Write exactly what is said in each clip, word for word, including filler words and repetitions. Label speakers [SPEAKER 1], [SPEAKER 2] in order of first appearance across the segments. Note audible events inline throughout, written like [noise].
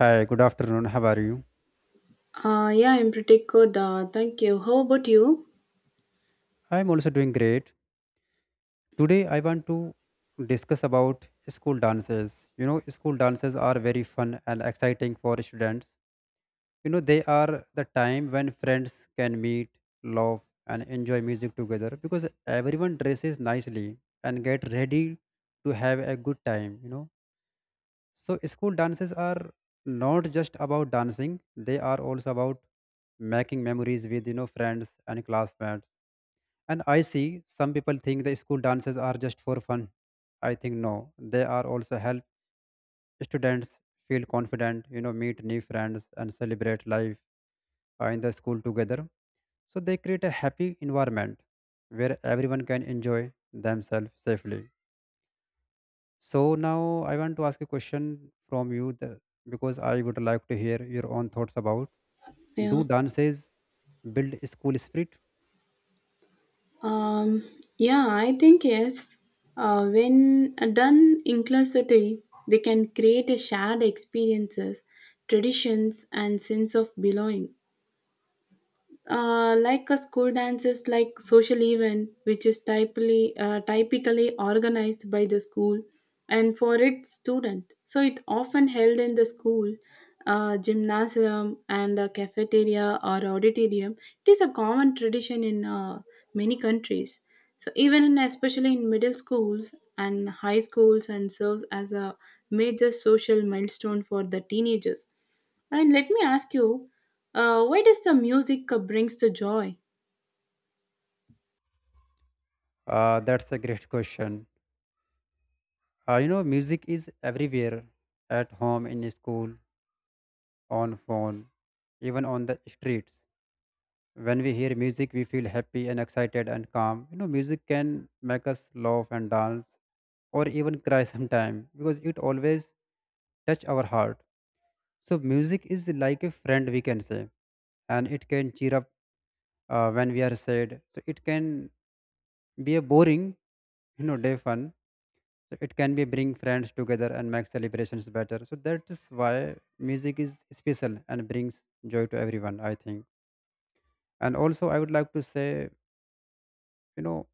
[SPEAKER 1] Hi, good afternoon. How are you?
[SPEAKER 2] Uh, yeah, I'm pretty good. Uh, thank you. How about you?
[SPEAKER 1] I'm also doing great. Today I want to discuss about school dances. You know, school dances are very fun and exciting for students. You know, they are the time when friends can meet, laugh, and enjoy music together because everyone dresses nicely and get ready to have a good time, you know. So school dances are not just about dancing, they are also about making memories with, you know, friends and classmates. And I see some people think the school dances are just for fun. I think no, they are also help students feel confident, you know, meet new friends and celebrate life uh, in the school together. So they create a happy environment where everyone can enjoy themselves safely. So now I want to ask a question from you the, because I would like to hear your own thoughts about,
[SPEAKER 2] Yeah.
[SPEAKER 1] do dances build school spirit?
[SPEAKER 2] Um, yeah, I think yes. Uh, when uh, done inclusively, they can create a shared experiences, traditions, and sense of belonging. Uh, like a school dance is like social event which is typically uh, typically organized by the school and for its student, so it often held in the school uh, gymnasium and a cafeteria or auditorium. It is a common tradition in uh, many countries, so even in, especially in middle schools and high schools, and serves as a major social milestone for the teenagers. And let me ask you, uh, why does the music uh, brings the joy?
[SPEAKER 1] Uh, that's a great question. Uh, you know, music is everywhere: at home, in school, on phone, even on the streets. When we hear music, we feel happy and excited and calm. You know, music can make us laugh and dance or even cry [laughs] sometime because it always touch our heart. So music is like a friend, we can say, and it can cheer up uh, when we are sad. So it can be a boring, you know, day fun, so it can be bring friends together and make celebrations better, so that is why music is special and brings joy to everyone I think. And also I would like to say, you know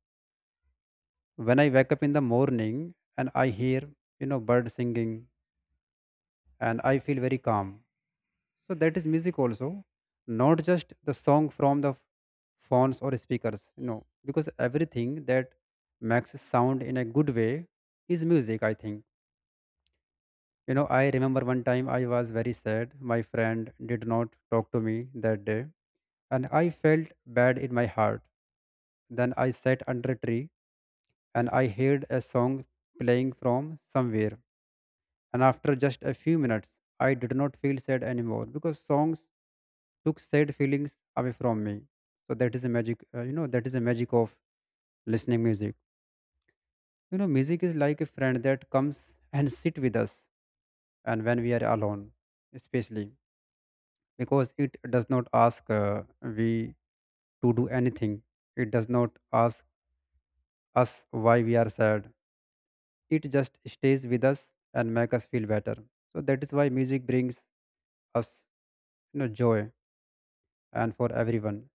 [SPEAKER 1] when I wake up in the morning and I hear, you know bird singing, and I feel very calm. So that is music also, not just the song from the phones or speakers you know because everything that makes sound in a good way is music I think. You know, I remember one time I was very sad. My friend did not talk to me that day, and I felt bad in my heart. Then I sat under a tree and I heard a song playing from somewhere. And after just a few minutes, I did not feel sad anymore because songs took sad feelings away from me. So that is a magic, uh, you know, that is a magic of listening music. You know, music is like a friend that comes and sit with us, and when we are alone, especially. Because it does not ask uh, we to do anything. It does not ask us why we are sad. It just stays with us and make us feel better. So that is why music brings us, you know joy and for everyone.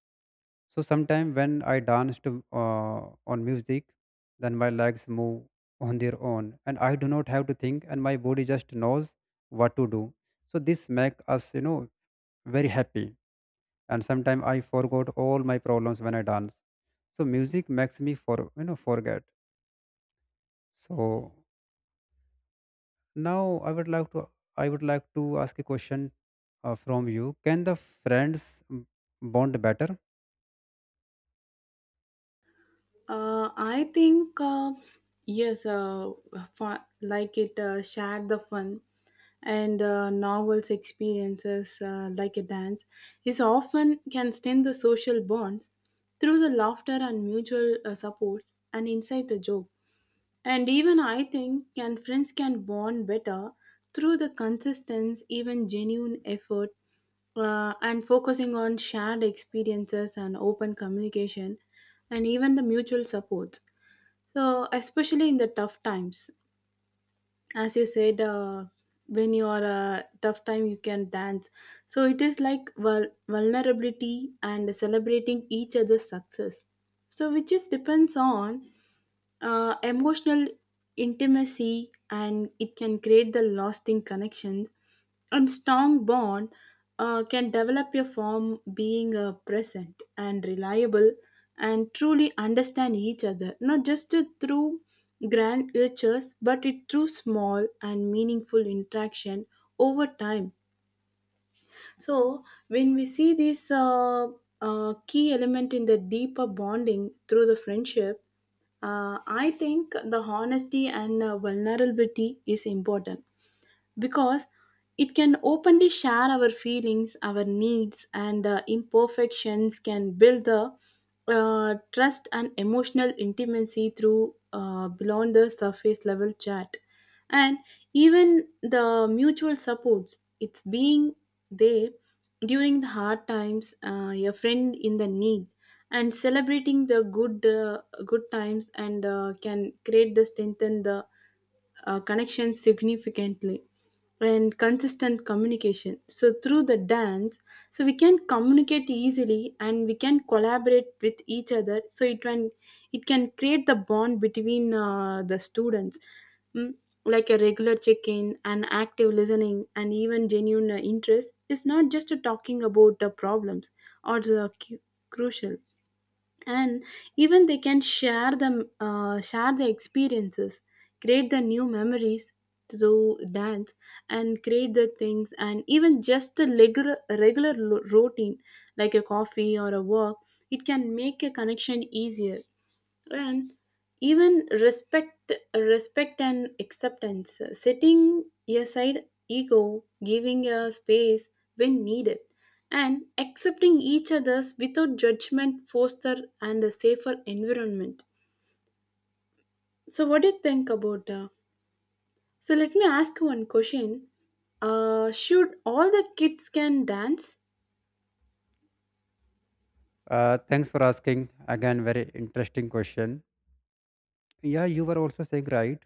[SPEAKER 1] So sometimes when I dance to uh, on music, then my legs move [laughs] on their own, and I do not have to think, and my body just knows what to do. So this make us you know very happy, and sometimes I forgot all my problems when I dance. So music makes me for you know forget. So now i would like to i would like to ask a question uh, from you, can the friends bond better?
[SPEAKER 2] Uh, I think uh, yes, uh, fa- like it uh, shared the fun and uh, novels experiences, uh, like a dance is often can strengthen the social bonds through the laughter and mutual uh, support and inside the joke. And even I think can friends can bond better through the consistency, even genuine effort, uh, and focusing on shared experiences and open communication and even the mutual support, so especially in the tough times, as you said, uh, when you are a tough time you can dance. So it is like vul- vulnerability and celebrating each other's success, so which is depends on uh, emotional intimacy, and it can create the lasting connections and strong bond. Uh, can develop your form being uh, present and reliable and truly understand each other, not just to- through grand gestures, but it through small and meaningful interaction over time. So when we see this uh, uh, key element in the deeper bonding through the friendship, uh, I think the honesty and uh, vulnerability is important because it can openly share our feelings, our needs, and uh, imperfections, can build the uh, trust and emotional intimacy through, uh, beyond the surface level chat. And even the mutual supports, it's being there during the hard times, uh, a friend in the need, and celebrating the good uh, good times, and uh, can create the strengthen the uh, connection significantly, and consistent communication so through the dance, so we can communicate easily and we can collaborate with each other, so it can, it can create the bond between uh, the students. Mm, like a regular check-in and active listening and even genuine uh, interest is not just talking about the problems or the cu- crucial, and even they can share the uh, share the experiences, create the new memories through dance, and create the things, and even just the regular regular lo- routine like a coffee or a walk, it can make a connection easier. And even respect respect and acceptance, setting aside ego, giving a space when needed, and accepting each other's without judgment foster and a safer environment. So what do you think about, uh, so let me ask you one question, uh, should all the kids can dance?
[SPEAKER 1] Uh, thanks for asking again, very interesting question. Yeah, you were also saying right.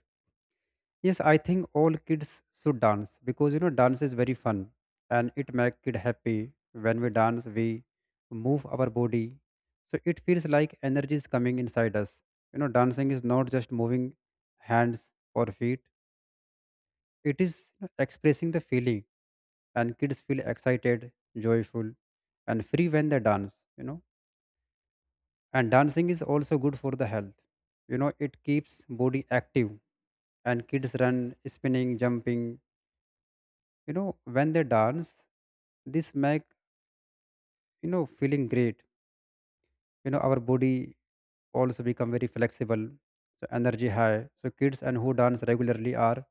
[SPEAKER 1] Yes, I think all kids should dance because you know dance is very fun and it make kid happy. When we dance, we move our body, so it feels like energy is coming inside us. You know, dancing is not just moving hands or feet; it is, you know, expressing the feeling, and kids feel excited, joyful, and free when they dance. You know, and dancing is also good for the health. You know, it keeps body active, and kids run spinning jumping, you know when they dance this make, you know feeling great. You know, our body also become very flexible, so energy high, so kids and who dance regularly are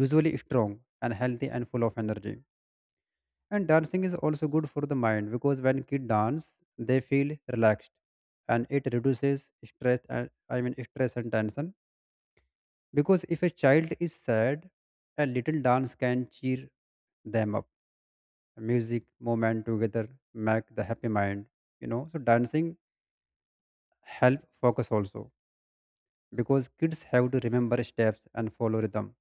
[SPEAKER 1] usually strong and healthy and full of energy. And dancing is also good for the mind because when kids dance they feel relaxed, and it reduces stress and i mean stress and tension. Because if a child is sad, a little dance can cheer them up. Music moment together make the happy mind, you know so dancing help focus also, because kids have to remember steps and follow rhythm,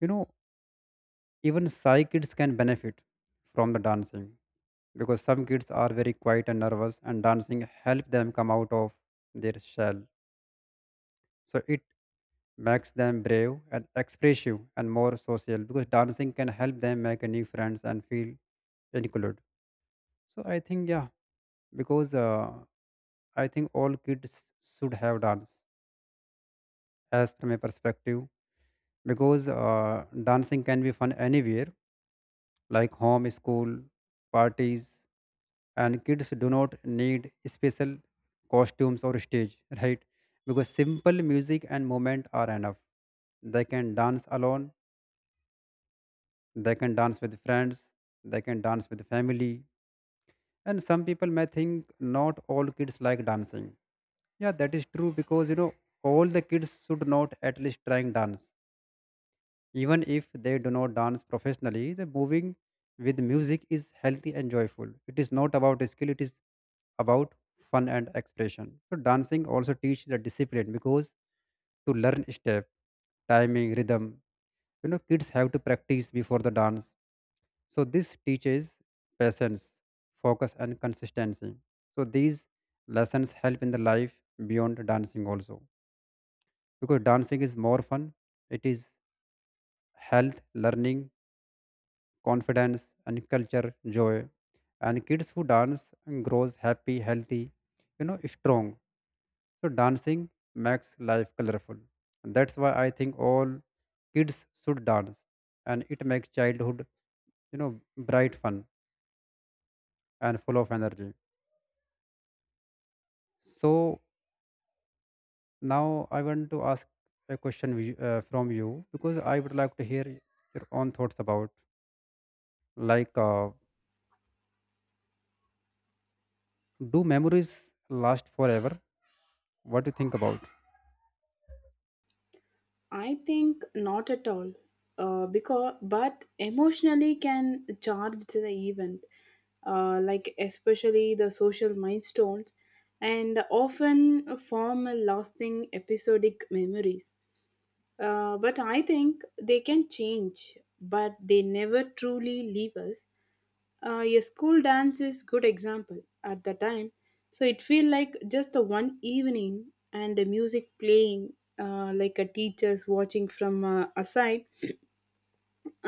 [SPEAKER 1] you know. Even shy kids can benefit from the dancing, because some kids are very quiet and nervous, and dancing help them come out of their shell. So it makes them brave and expressive and more social, because dancing can help them make a new friends and feel included. So I think yeah, because uh, I think all kids should have dance, as from a perspective, because uh, dancing can be fun anywhere, like home, school, parties, and kids do not need special costumes or stage, right? Because simple music and movement are enough. They can dance alone, they can dance with friends, they can dance with family. And some people may think not all kids like dancing. Yeah, that is true, because you know all the kids should not at least trying dance. Even if they do not dance professionally, the moving with music is healthy and joyful. It is not about skill, it is about fun and expression. So dancing also teaches the discipline, because to learn step, timing, rhythm, you know, kids have to practice before the dance. So this teaches patience, focus and consistency. So these lessons help in the life beyond dancing also. Because dancing is more fun, it is health, learning, confidence and culture joy, and kids who dance grows happy, healthy, you know strong. So dancing makes life colorful, and that's why I think all kids should dance, and it makes childhood, you know bright, fun, and full of energy. So now I want to ask a question wi- uh, from you, because I would like to hear your own thoughts about, like, uh, do memories last forever? What do you think about?
[SPEAKER 2] I think not at all. Uh, because but emotionally can charge to the event, uh, like especially the social milestones, and often form a lasting episodic memories. Uh, but I think they can change, but they never truly leave us. Uh, a school dance is good example. At the time, so it feel like just the one evening, and the music playing, uh, like a teacher's watching from uh, aside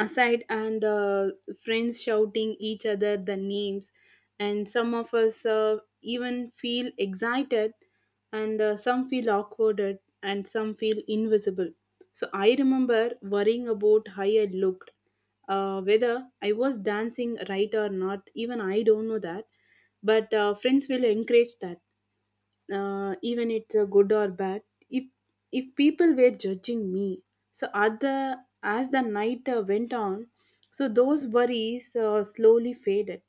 [SPEAKER 2] aside, and uh, friends shouting each other the names, and some of us, uh, even feel excited, and uh, some feel awkwarded and some feel invisible. So I remember worrying about how I looked, uh, whether I was dancing right or not, even I don't know that. But uh, friends will encourage that, uh, even it's uh, good or bad, if if people were judging me. So at the, as the night uh, went on, so those worries uh, slowly faded,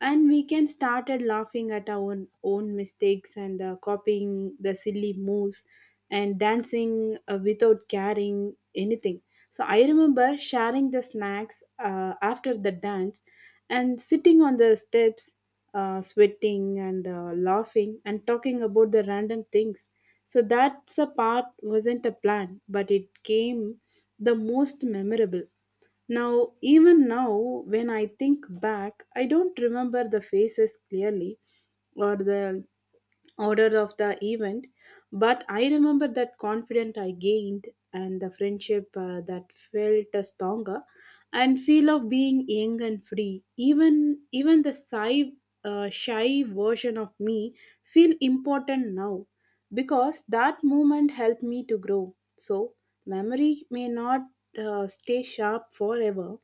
[SPEAKER 2] and we can started laughing at our own, own mistakes and uh, copying the silly moves and dancing uh, without caring anything. So I remember sharing the snacks uh, after the dance and sitting on the steps, uh, sweating and uh, laughing and talking about the random things. So that's a part wasn't a plan, but it came the most memorable. Now, even now, when I think back, I don't remember the faces clearly or the order of the event, but I remember that confidence I gained and the friendship uh, that felt uh, stronger and feel of being young and free. Even even the shy, uh, shy version of me feel important now, because that moment helped me to grow. So memory may not uh, stay sharp forever,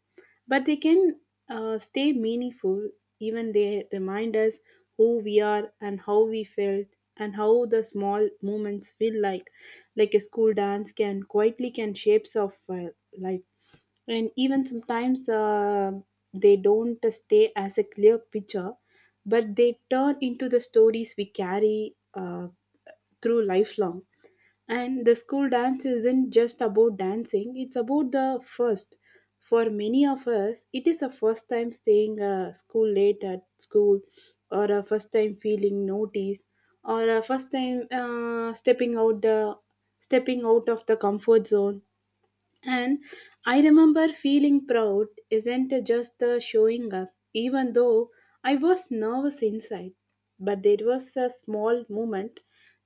[SPEAKER 2] but they can uh, stay meaningful, even they remind us who we are and how we felt, and how the small moments feel like like a school dance can quietly can shapes of uh, life. And even sometimes, uh, they don't stay as a clear picture, but they turn into the stories we carry, uh, through lifelong. And the school dance isn't just about dancing, it's about the first. For many of us, it is the first time staying uh, school late at school, or a first time feeling noticed, or a first time, uh, stepping out the stepping out of the comfort zone. And I remember feeling proud isn't just the showing up, even though I was nervous inside. But there was a small moment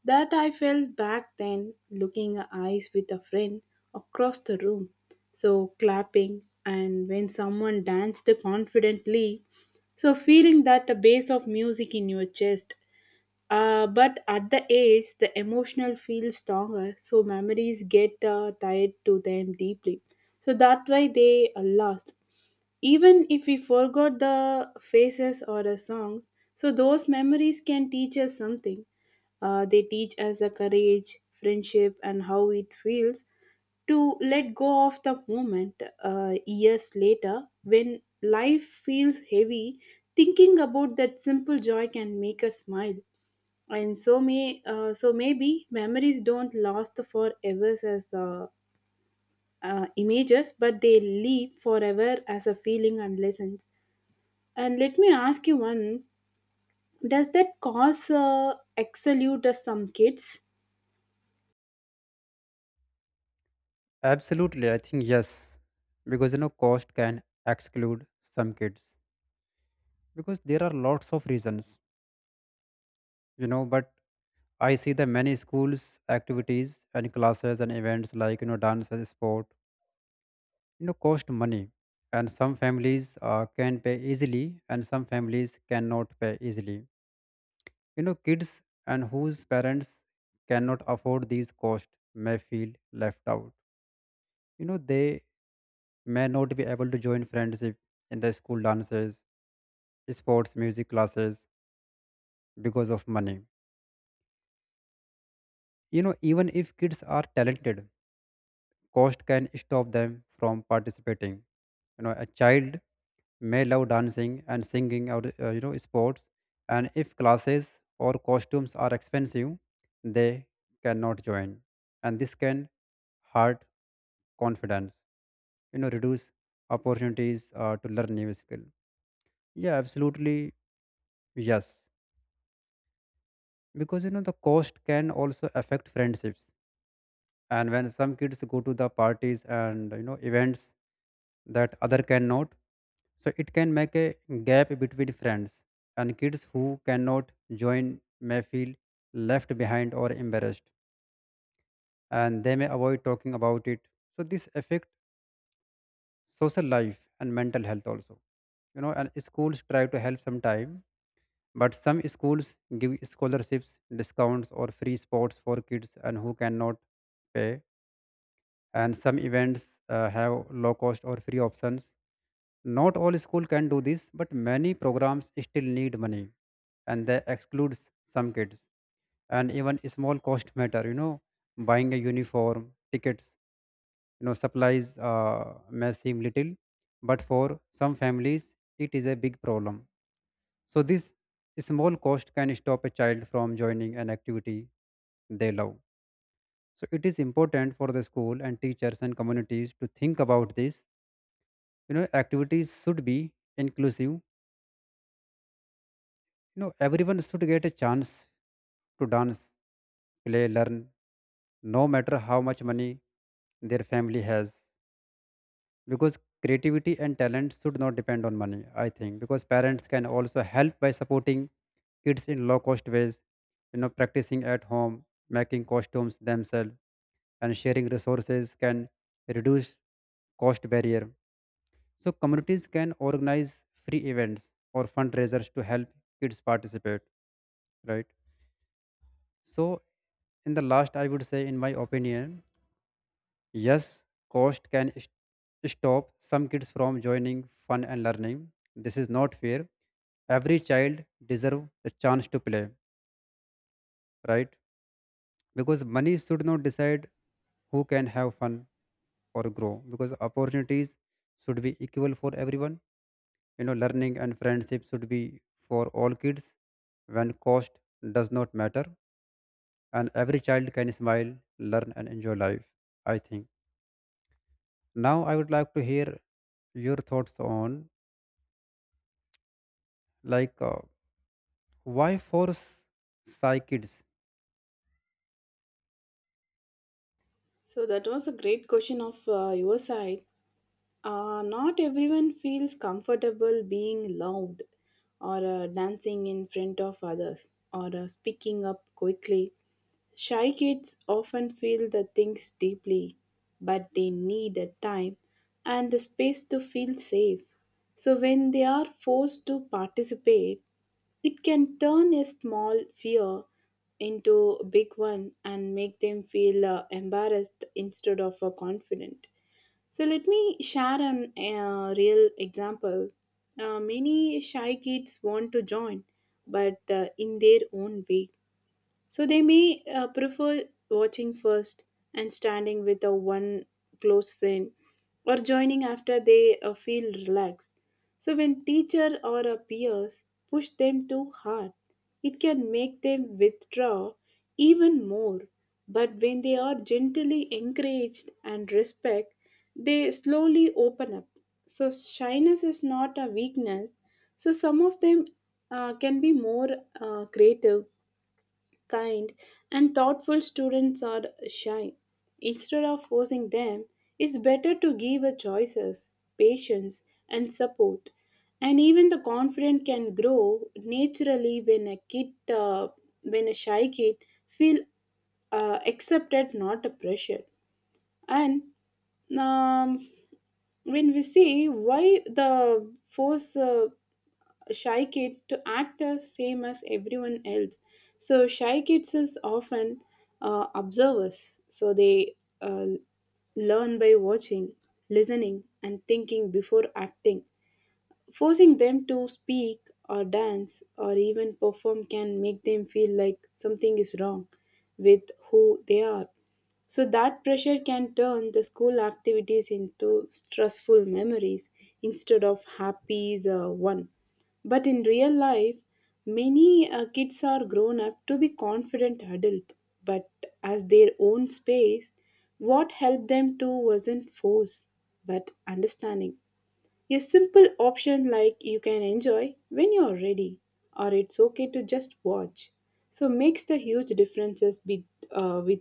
[SPEAKER 2] that I felt back then, looking eyes with a friend across the room. So clapping, and when someone danced confidently, so feeling that the bass of music in your chest. Uh, but at the age, the emotional feels stronger, so memories get uh, tied to them deeply. So that way they are lost. Even if we forgot the faces or the songs, so those memories can teach us something. Uh, they teach us the courage, friendship, and how it feels to let go of the moment, uh, years later when life feels heavy. Thinking about that simple joy can make us smile, and so may uh, so maybe memories don't last forever as the uh, images, but they live forever as a feeling and lessons. And let me ask you one, does that cause uh, exclude uh, some kids?
[SPEAKER 1] Absolutely, I think yes, because you know cost can exclude some kids, because there are lots of reasons, you know. But I see the many schools activities and classes and events like, you know dance and sport, you know, cost money, and some families uh, can pay easily and some families cannot pay easily. You know, kids and whose parents cannot afford these costs may feel left out. You know, they may not be able to join friendship in the school dances, sports, music classes, because of money. You know, even if kids are talented, cost can stop them from participating. You know, a child may love dancing and singing or, uh, you know sports, and if classes or costumes are expensive, they cannot join, and this can hurt confidence. You know, reduce opportunities uh, to learn new skill. Yeah, absolutely, yes. Because you know the cost can also affect friendships, and when some kids go to the parties and, you know events that other cannot, so it can make a gap between friends, and kids who cannot join may feel left behind or embarrassed, and they may avoid talking about it. So this affect social life and mental health also, you know. And schools try to help sometime, but some schools give scholarships, discounts or free sports for kids and who cannot pay, and some events uh, have low cost or free options. Not all school can do this, but many programs still need money, and they excludes some kids. And even small cost matter, you know, buying a uniform, tickets, you know supplies uh, may seem little, but for some families it is a big problem. So this small cost can stop a child from joining an activity they love. So it is important for the school and teachers and communities to think about this. You know, activities should be inclusive, you know, everyone should get a chance to dance, play, learn, no matter how much money their family has, because creativity and talent should not depend on money I think. Because parents can also help by supporting kids in low cost ways, you know practicing at home, making costumes themselves, and sharing resources can reduce cost barrier. So communities can organize free events or fundraisers to help kids participate, right? So in the last, I would say, in my opinion, yes, cost can st- stop some kids from joining fun and learning. This is not fair. Every child deserve the chance to play, right? Because money should not decide who can have fun or grow, because opportunities should be equal for everyone. You know learning and friendship should be for all kids when cost does not matter, and every child can smile, learn and enjoy life, I think. Now I would like to hear your thoughts on, like uh, why force psy kids?
[SPEAKER 2] So that was a great question of uh, your side. Uh, not everyone feels comfortable being loud or uh, dancing in front of others or uh, speaking up quickly. Shy kids often feel the things deeply, but they need the time and the space to feel safe. So when they are forced to participate, it can turn a small fear into a big one and make them feel uh, embarrassed instead of uh, confident. So let me share an uh, real example. Uh, many shy kids want to join, but uh, in their own way, so they may uh, prefer watching first and standing with a one close friend or joining after they uh, feel relaxed. So when teacher or a peers push them too hard, it can make them withdraw even more. But when they are gently encouraged and respect, they slowly open up. So shyness is not a weakness. So some of them uh, can be more uh, creative kind, and thoughtful students are shy. Instead of forcing them, it's better to give a choices, patience, and support. And even the confident can grow naturally when a kid, uh, when a shy kid feel uh, accepted, not pressured. And um, when we see why the force uh, shy kid to act the same as everyone else. So shy kids is often uh, observers. So they, uh, learn by watching, listening, and thinking before acting. Forcing them to speak or dance or even perform can make them feel like something is wrong with who they are. So that pressure can turn the school activities into stressful memories instead of happy uh, one. But in real life, many uh, kids are grown up to be confident adult, but as their own space, what helped them to wasn't force, but understanding. A simple option like you can enjoy when you're ready, or it's okay to just watch. So makes the huge differences with, uh, with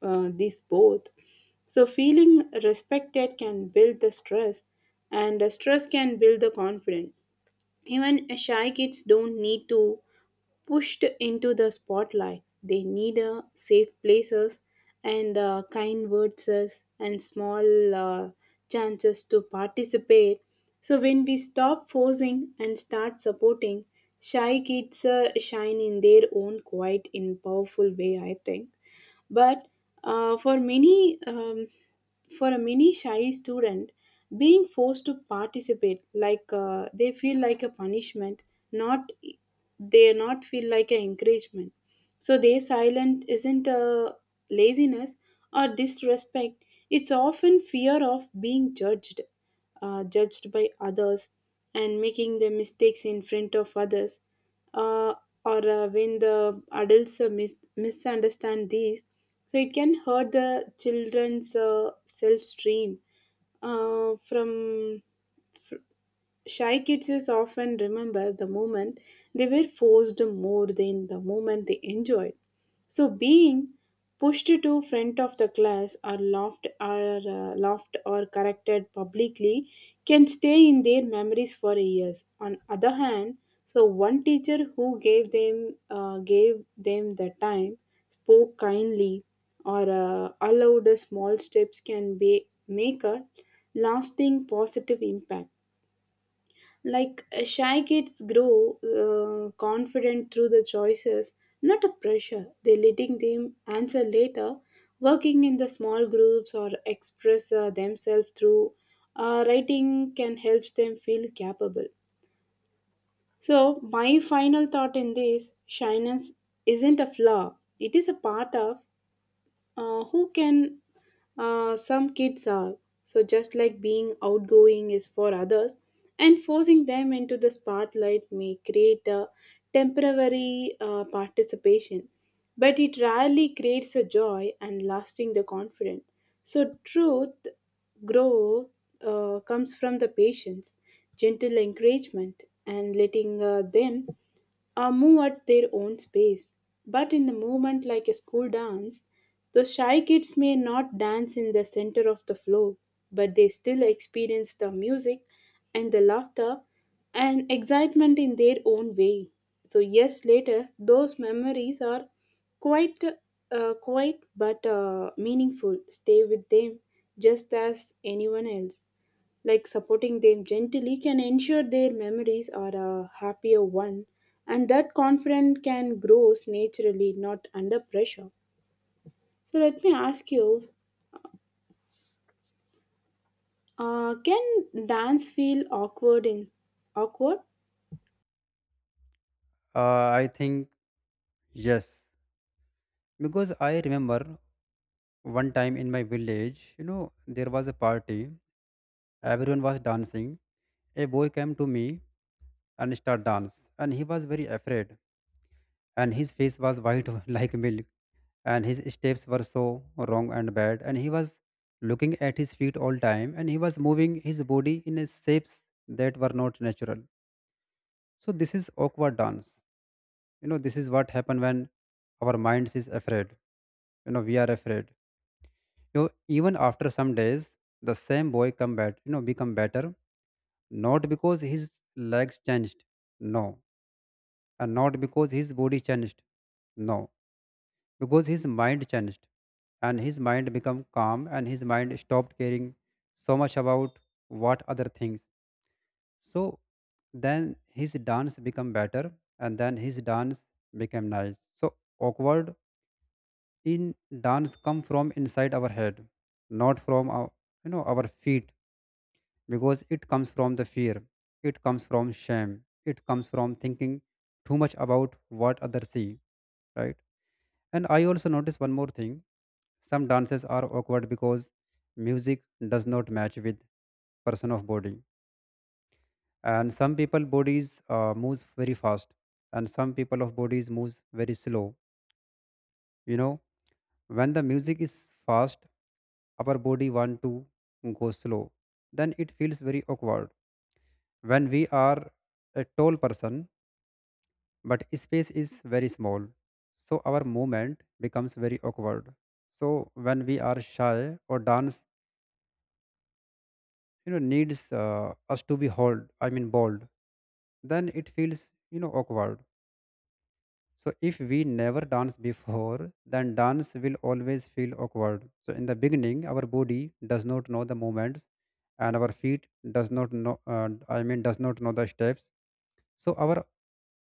[SPEAKER 2] uh, these both. So feeling respected can build the stress, and the stress can build the confidence. Even shy kids don't need to pushed into the spotlight. They need uh, safe places and uh, kind words and small uh, chances to participate. So when we stop forcing and start supporting, shy kids uh, shine in their own quiet in powerful way, I think. But uh, for many um, for a many shy student, being forced to participate like uh, they feel like a punishment, not they not feel like an encouragement. So their silence isn't a laziness or disrespect, it's often fear of being judged, uh, judged by others and making the mistakes in front of others, uh, or uh, when the adults uh, mis- misunderstand these, so it can hurt the children's uh, self-stream uh, from fr- Shy kids is often remember the moment they were forced more than the moment they enjoyed. So being pushed to front of the class or laughed or uh, laughed or corrected publicly can stay in their memories for years. On other hand, so one teacher who gave them uh, gave them the time, spoke kindly, or uh, allowed small steps can be make a lasting positive impact. Like uh, shy kids grow uh, confident through the choices, not a pressure. They letting them answer later, working in the small groups or express uh, themselves through uh, writing, can help them feel capable. So my final thought in this: shyness isn't a flaw; it is a part of uh, who can uh, some kids are. So just like being outgoing is for others, and forcing them into the spotlight may create a temporary uh, participation, but it rarely creates a joy and lasting the confidence. So truth growth uh, comes from the patience, gentle encouragement, and letting uh, them uh, move at their own pace. But in the movement like a school dance, the shy kids may not dance in the center of the floor, but they still experience the music and the laughter and excitement in their own way. So years later, those memories are quite, uh, quite but uh, meaningful. Stay with them just as anyone else, like supporting them gently can ensure their memories are a happier one, and that confidence can grow naturally, not under pressure. So let me ask you, uh, can dance feel awkward in awkward?
[SPEAKER 1] uh, I think yes, because I remember one time in my village, you know there was a party, everyone was dancing. A boy came to me and start dance, and he was very afraid, and his face was white [laughs] like milk, and his steps were so wrong and bad, and he was looking at his feet all time, and he was moving his body in a shapes that were not natural. So this is awkward dance. You know, this is what happen when our minds is afraid. You know, we are afraid. You know, even after some days, the same boy come back, you know, become better, not because his legs changed, no, and not because his body changed, no, because his mind changed, and his mind became calm, and his mind stopped caring so much about what other things. So then his dance become better, and then his dance became nice. So awkward in dance come from inside our head, not from our, you know our feet, because it comes from the fear, it comes from shame, it comes from thinking too much about what others see, right? And I also notice one more thing. Some dances are awkward because music does not match with person of body. And some people bodies uh, moves very fast, and some people of bodies moves very slow. You know, when the music is fast, our body want to go slow. Then it feels very awkward. When we are a tall person, but space is very small, so our movement becomes very awkward. So when we are shy or dance you know needs uh, us to be hold I mean bold, then it feels, you know awkward. So if we never dance before, then dance will always feel awkward. So in the beginning our body does not know the movements, and our feet does not know, uh, i mean does not know the steps. So our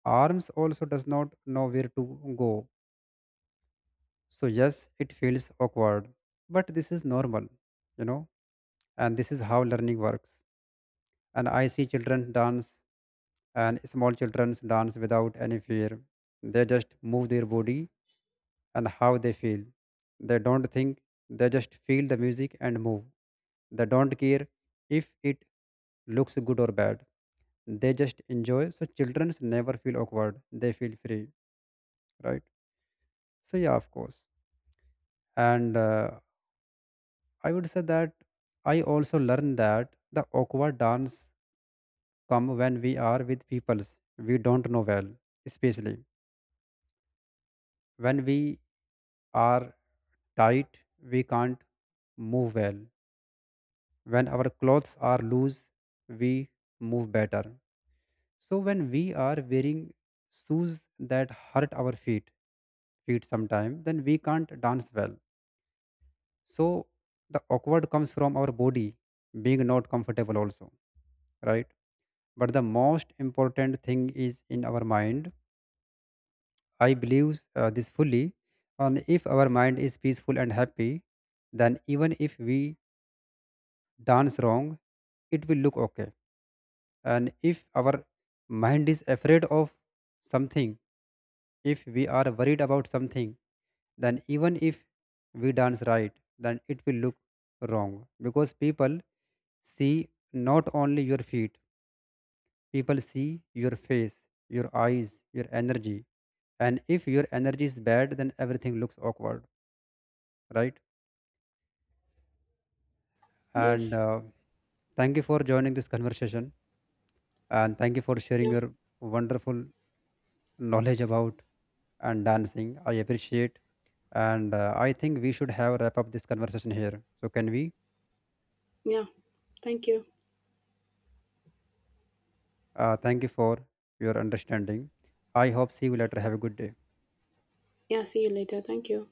[SPEAKER 1] arms also does not know where to go. So yes, it feels awkward, but this is normal, you know, and this is how learning works. And I see children dance, and small children dance without any fear. They just move their body and how they feel. They don't think, they just feel the music and move. They don't care if it looks good or bad. They just enjoy. So children never feel awkward. They feel free, right? So yeah, of course. And uh, I would say that I also learned that the awkward dance come when we are with peoples we don't know well, especially when we are tight, we can't move well. When our clothes are loose, we move better. So when we are wearing shoes that hurt our feet, feet sometime, then we can't dance well. So the awkward comes from our body being not comfortable also, right? But the most important thing is in our mind. I believe uh, this fully. And if our mind is peaceful and happy, then even if we dance wrong, it will look okay. And if our mind is afraid of something, if we are worried about something, then even if we dance right, then it will look wrong, because people see not only your feet, people see your face, your eyes, your energy. And if your energy is bad, then everything looks awkward, right? And
[SPEAKER 2] Yes.
[SPEAKER 1] uh, Thank you for joining this conversation, and thank you for sharing
[SPEAKER 2] Yeah.
[SPEAKER 1] your wonderful knowledge about and dancing. I appreciate, and uh, I think we should have wrap up this conversation here. So can we?
[SPEAKER 2] Yeah, thank you.
[SPEAKER 1] Uh, thank you for your understanding. I hope see you later. Have a good day.
[SPEAKER 2] Yeah, see you later, thank you.